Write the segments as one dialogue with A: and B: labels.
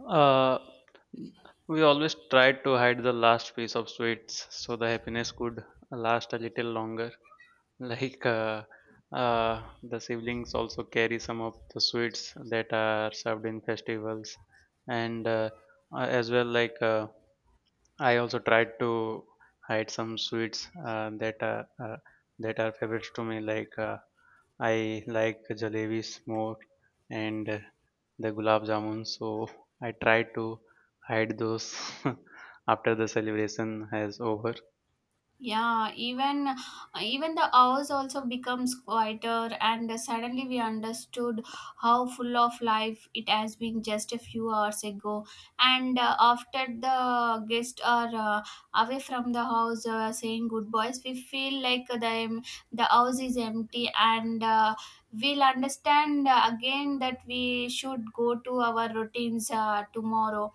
A: Uh, we always tried to hide the last piece of sweets so the happiness could last a little longer. Like uh, the siblings also carry some of the sweets that are served in festivals, and as well like I also tried to hide some sweets that are favorites to me, like. I like jalebis more and the gulab jamun, so I try to hide those after the celebration has over.
B: Yeah, even the hours also becomes quieter, and suddenly we understood how full of life it has been just a few hours ago. And After the guests are away from the house, saying goodbyes, we feel like the house is empty, and we'll understand again that we should go to our routines tomorrow.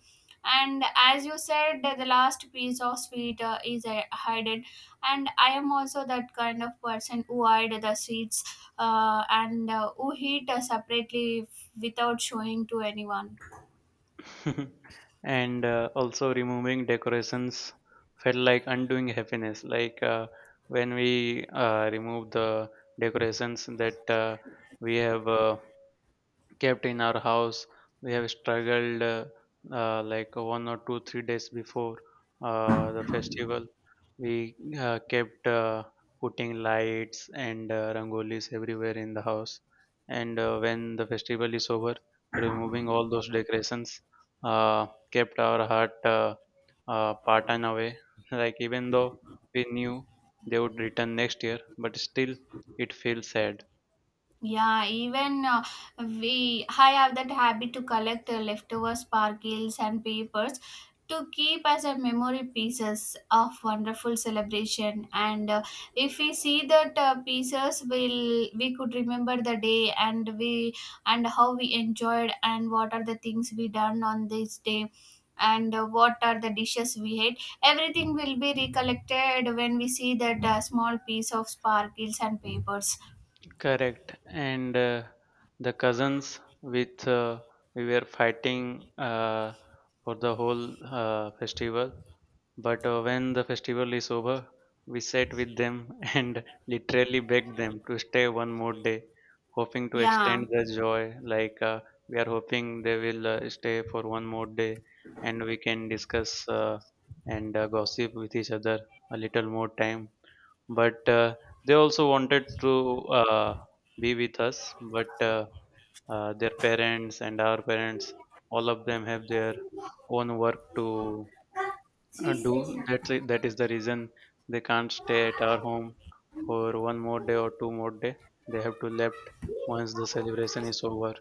B: And as you said, the last piece of sweet is hidden, and I am also that kind of person who hide the sweets, and who eat separately, without showing to anyone.
A: and Also, removing decorations felt like undoing happiness. When we remove the decorations that we have kept in our house. We have struggled like one or two, 3 days before the festival. We kept putting lights and rangolis everywhere in the house. And When the festival is over, removing all those decorations uh, kept our heart partan away. Like even though we knew they would return next year, but still it feels sad.
B: Yeah, even we I have that habit to collect leftover sparkles and papers to keep as a memory pieces of wonderful celebration. And if we see that pieces, will we could remember the day, and we and how we enjoyed and what are the things we done on this day, and what are the dishes we ate. Everything will be recollected when we see that small piece of sparkles and papers.
A: Correct. And The cousins with we were fighting for the whole festival. But When the festival is over, we sat with them and literally begged them to stay one more day, hoping to
B: Yeah.
A: extend the joy. We are hoping they will stay for one more day, and we can discuss and gossip with each other a little more time but They also wanted to be with us but their parents and our parents, all of them have their own work to do. That's it. That is the reason they can't stay at our home for one more day or two more day. They have to left once the celebration is over.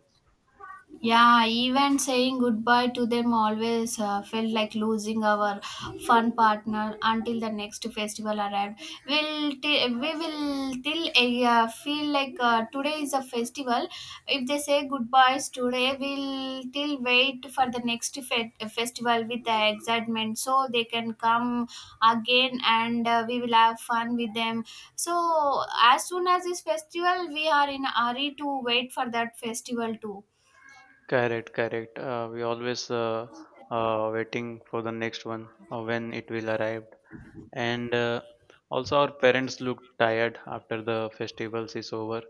B: Yeah, even saying goodbye to them always felt like losing our fun partner until the next festival arrived. We will till feel like today is a festival. If they say goodbyes today, we'll till wait for the next festival with the excitement so they can come again, and we will have fun with them. So as soon as this festival, we are in a hurry to wait for that festival too.
A: Correct, correct. We always waiting for the next one, when it will arrive. And Also, our parents look tired after the festivals is over,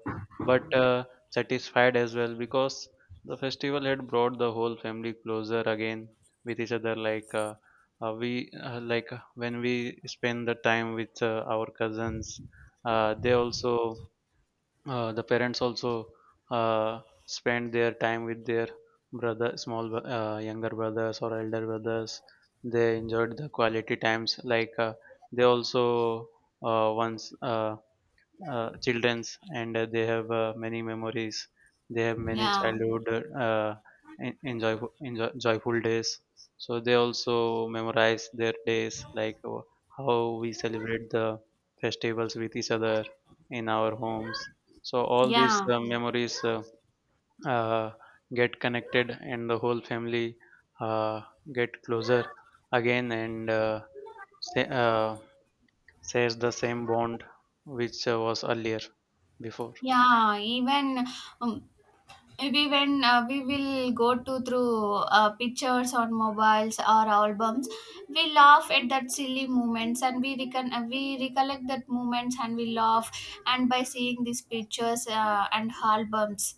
A: but satisfied as well, because the festival had brought the whole family closer again with each other. Like we like When we spend the time with our cousins, they also, the parents also, spend their time with their younger brothers or elder brothers. They enjoyed the quality times. They also, once children's, and they have many memories. They have many
B: Yeah,
A: childhood, uh, enjoy, enjoy joyful days, so they also memorize their days, how we celebrate the festivals with each other in our homes. So all these
B: yeah,
A: memories uh, get connected and the whole family uh, get closer again, say, uh, shares the same bond which was earlier before.
B: yeah. Even um, maybe when we will go to through pictures on mobiles or albums, we laugh at that silly moments, and we recon we recollect that moments and we laugh and by seeing these pictures and albums.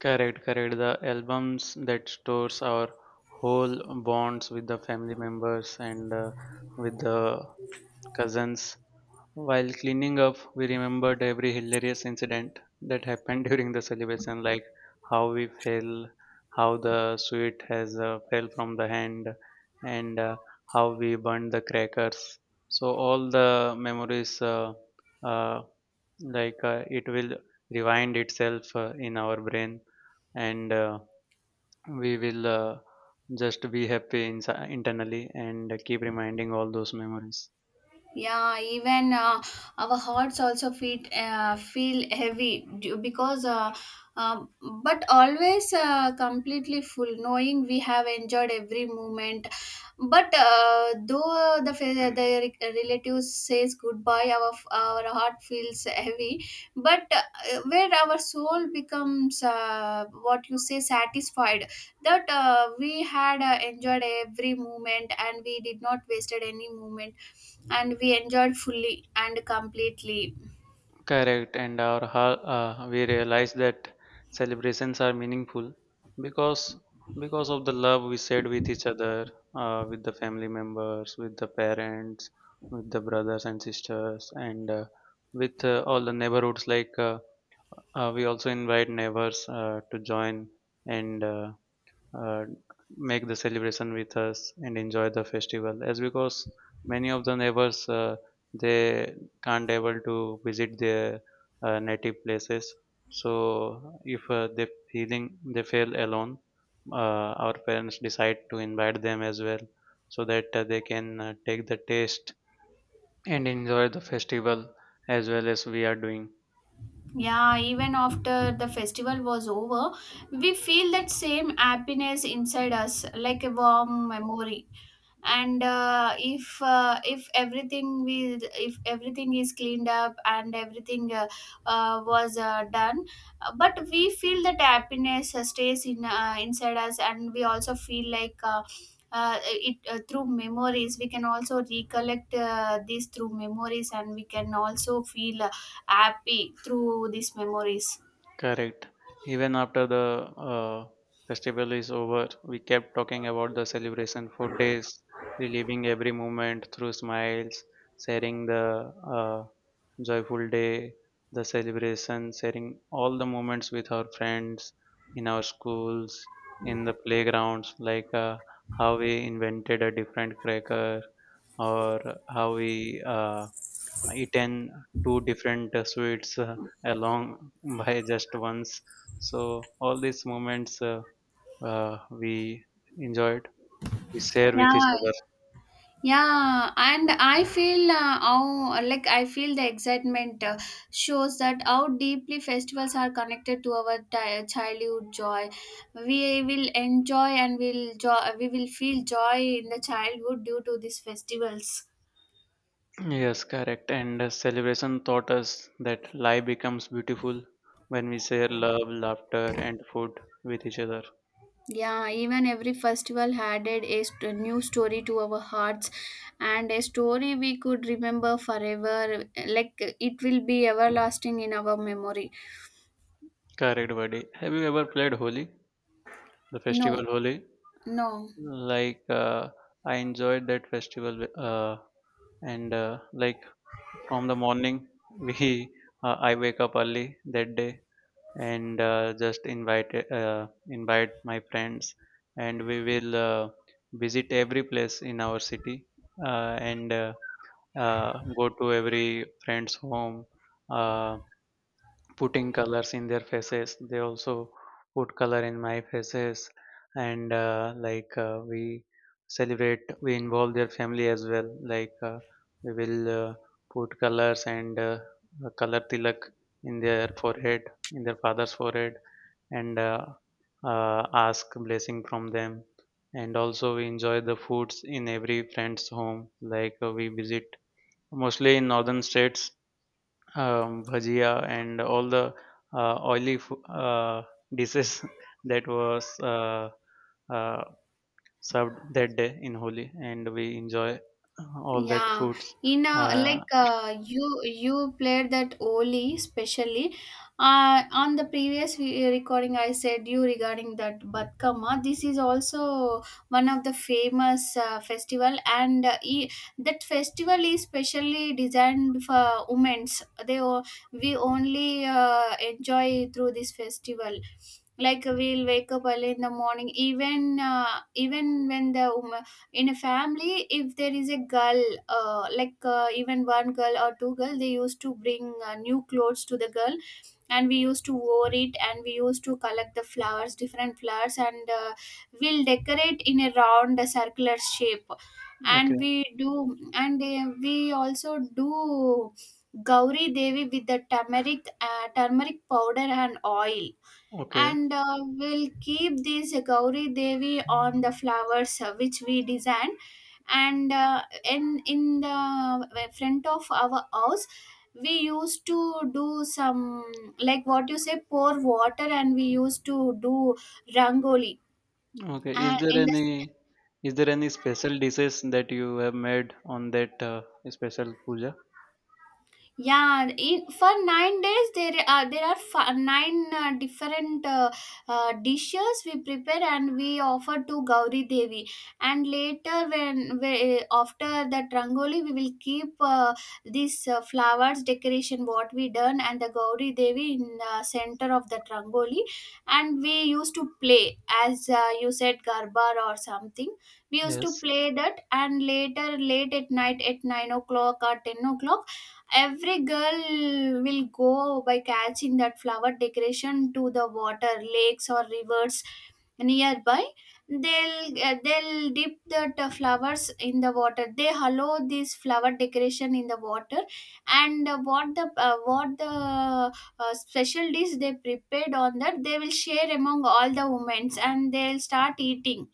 A: Correct, correct. The albums that stores our whole bonds with the family members and with the cousins. While cleaning up, we remembered every hilarious incident that happened during the celebration, like how we fell, how the sweet has fell from the hand, and how we burned the crackers. So all the memories, uh, it will rewind itself in our brain, and we will just be happy inside, internally, and keep reminding all those memories.
B: Yeah, even our hearts also feel heavy because um, but always completely full, knowing we have enjoyed every moment. But though the fa- the re- relatives says goodbye, our heart feels heavy. But where our soul becomes what you say satisfied, that we had enjoyed every moment, and we did not wasted any moment, and we enjoyed fully and completely.
A: Correct. We realize that celebrations are meaningful because because of the love we shared with each other, with the family members, with the parents, with the brothers and sisters, and with all the neighborhoods. We also invite neighbors to join and uh, make the celebration with us and enjoy the festival, as because many of the neighbors, they can't able to visit their native places, so if they feel alone, our parents decide to invite them as well, so that they can take the taste and enjoy the festival as well as we are doing.
B: Yeah, even after the festival was over, we feel that same happiness inside us like a warm memory. And if everything will, if everything is cleaned up, and everything was done, but we feel that happiness stays in, inside us. And we also feel like it through memories we can also recollect this through memories, and we can also feel happy through these memories.
A: Correct. Even after the festival is over, we kept talking about the celebration for days, reliving every moment through smiles, sharing the uh, joyful day, the celebration, sharing all the moments with our friends, in our schools, in the playgrounds, how we invented a different cracker, or how we eaten two different sweets along by just once. So all these moments we enjoyed, we share with each
B: Yeah.
A: other.
B: Yeah, and I feel how, like I feel the excitement shows that how deeply festivals are connected to our childhood joy. We will enjoy, and we will feel joy in the childhood due to these festivals.
A: Yes, correct. And Celebration taught us that life becomes beautiful when we share love, laughter, and food with each other.
B: Yeah, even every festival added a new story to our hearts, and a story we could remember forever. Like, it will be everlasting in our memory.
A: Correct, buddy. Have you ever played Holi, the
B: No,
A: festival Holi?
B: no.
A: Like, uh, I enjoyed that festival, and like from the morning, we I wake up early that day and just invite invite my friends, and we will visit every place in our city, and go to every friend's home. Uh, Putting colors in their faces, they also put color in my faces. And like We celebrate, we involve their family as well. We will put colors and color tilak in their forehead, in their father's forehead, and uh, ask blessing from them. And also we enjoy the foods in every friend's home. We visit mostly in northern states. Bhajia and all the oily dishes that was uh, served that day in Holi, and we enjoy all that
B: Yeah,
A: foods.
B: in,
A: Uh,
B: you played that Oli specially. On the previous recording, I said you regarding that Batkama. This is also one of the famous festival, and that festival is specially designed for women's. We only enjoy through this festival. Like, we'll wake up early in the morning, even when the woman in a family, if there is a girl, even one girl or two girl, they used to bring new clothes to the girl, and we used to wear it, and we used to collect the flowers, different flowers. And we'll decorate in a round circular shape.
A: okay,
B: And we do, and we also do gauri devi with the turmeric turmeric powder and oil.
A: okay,
B: And we'll keep this Gauri Devi on the flowers which we designed. And in the front of our house, we used to do some, like what you say, pour water, and we used to do rangoli.
A: okay. Is
B: And
A: there
B: in the,
A: any, is there any special dishes that you have made on that special puja?
B: yeah, and in, for 9 days, nine different dishes we prepare and we offer to Gauri Devi. And later, when we, after that rangoli, we will keep this flowers decoration what we done, and the Gauri Devi in center of that rangoli. And we used to play, as you said, garba or something. We used to
A: Yes,
B: play that, and later, late at night, at 9 o'clock or 10 o'clock, every girl will go by catching that flower decoration to the water lakes or rivers nearby. They'll dip the flowers in the water. They allow this flower decoration in the water. And what the special dish they prepared on that, they will share among all the women, and they'll start eating.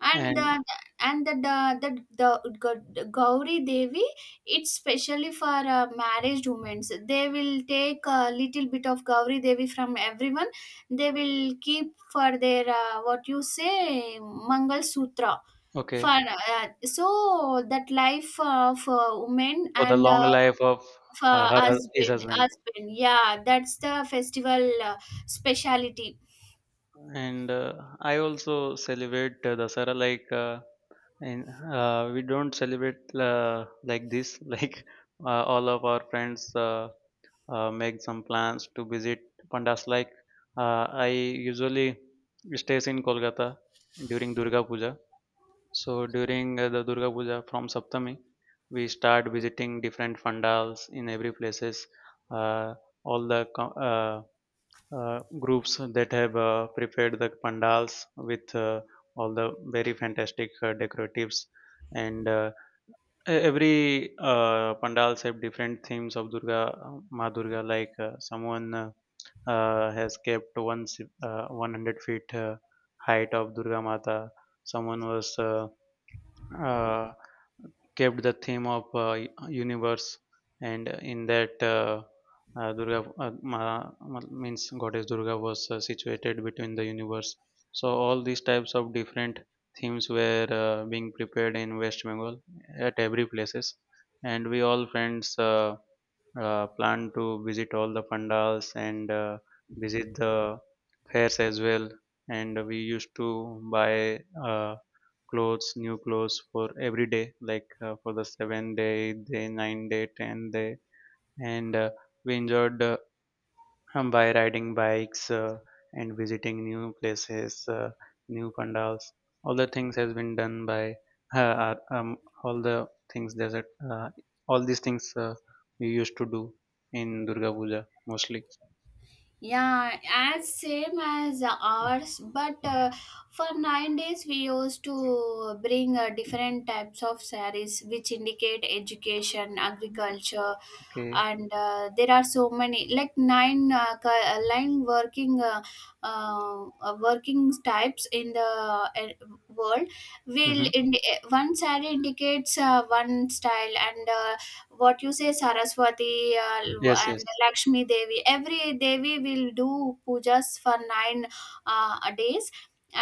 B: And
A: and
B: the Gauri Devi, it's specially for married women. So they will take a little bit of Gauri Devi from everyone. They will keep for their, what you say, Mangal Sutra, for
A: okay,
B: so that life of women,
A: for the
B: and
A: long
B: uh,
A: life of
B: for
A: his
B: husband
A: husband.
B: husband Yeah, that's the festival speciality.
A: And I also celebrate Dasara. Like. And We don't celebrate like this. All of our friends make some plans to visit pandas. Like, I usually stays in Kolkata during Durga Puja. So during the Durga Puja, from Saptami we start visiting different pandals in every places, uh, all the groups that have prepared the pandals with all the very fantastic decoratives. And e- every pandals have different themes of Durga Ma. Durga, someone, has kept 100 feet height of Durga Mata. Someone was uh, kept the theme of universe, and in that, durga ma, ma- means goddess Durga was situated between the universe. So all these types of different themes were being prepared in West Bengal at every places, and we all friends plan to visit all the pandals and visit the fairs as well, and we used to buy uh, clothes new clothes for every day, for the 7 day, day 9 day, 10 day. And We enjoyed by riding bikes and visiting new places, new pandals. All the things has been done by uh, uh, um, all the things there's a, uh, all these things we used to do in Durga Puja mostly.
B: Yeah, as same as ours, but for 9 days we used to bring different types of sarees, which indicate education, agriculture,
A: Okay.
B: and there are so many, like nine 9 working working types in the world will
A: Mm-hmm.
B: one saree indicates one style. And what you say, saraswati
A: Yes, yes.
B: and lakshmi devi, every devi will do pujas for 9 days.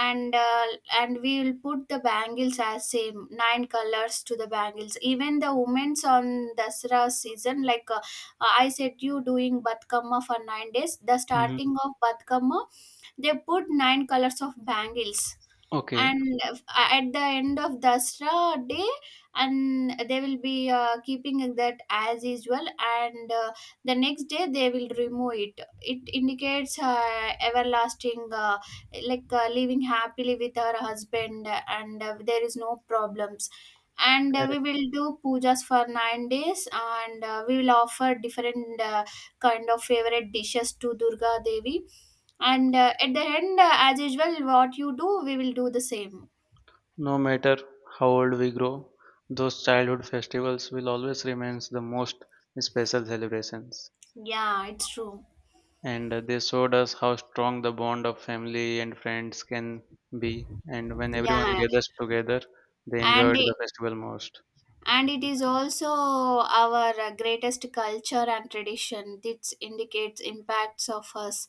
B: and uh, and we will put the bangles as same 9 colors to the bangles, even the women's on dasra season. Like I said you doing batkamma for 9 days, the
A: Mm-hmm.
B: starting of batkamma, they put 9 colors of bangles.
A: Okay.
B: And at the end of Dasra day, and they will be keeping that as usual. And the next day they will remove it. It indicates everlasting, living happily with her husband, and there is no problems. And we
A: Correct.
B: will do pujas for 9 days, and we will offer different kind of favorite dishes to Durga Devi. And at the end, as usual, what you do, we will do the same.
A: No matter how old we grow, those childhood festivals will always remain the most special celebrations.
B: Yeah, it's true.
A: And They showed us how strong the bond of family and friends can be. And when everyone
B: Yeah,
A: gathers together, they
B: and
A: enjoyed
B: it,
A: the festival most.
B: and it is also our greatest culture and tradition. This indicates impacts of us.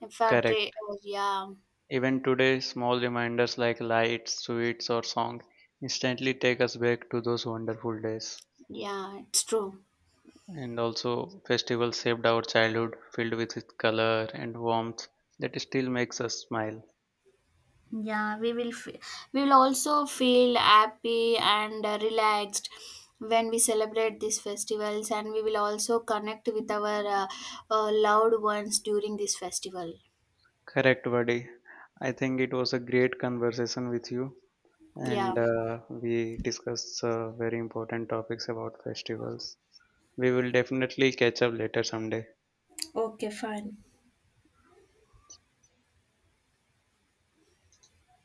B: If our dra-
A: Correct.
B: Yeah.
A: Even today, small reminders like lights, sweets, or song instantly take us back to those wonderful days.
B: Yeah, it's true.
A: And also, festivals saved our childhood filled with its color and warmth that still makes us smile.
B: Yeah, we will also feel happy and relaxed when we celebrate these festivals, and we will also connect with our loved ones during this festival.
A: Correct, buddy. I think it was a great conversation with you,
B: Yeah.
A: and we discussed very important topics about festivals. We will definitely catch up later someday.
B: Okay, fine.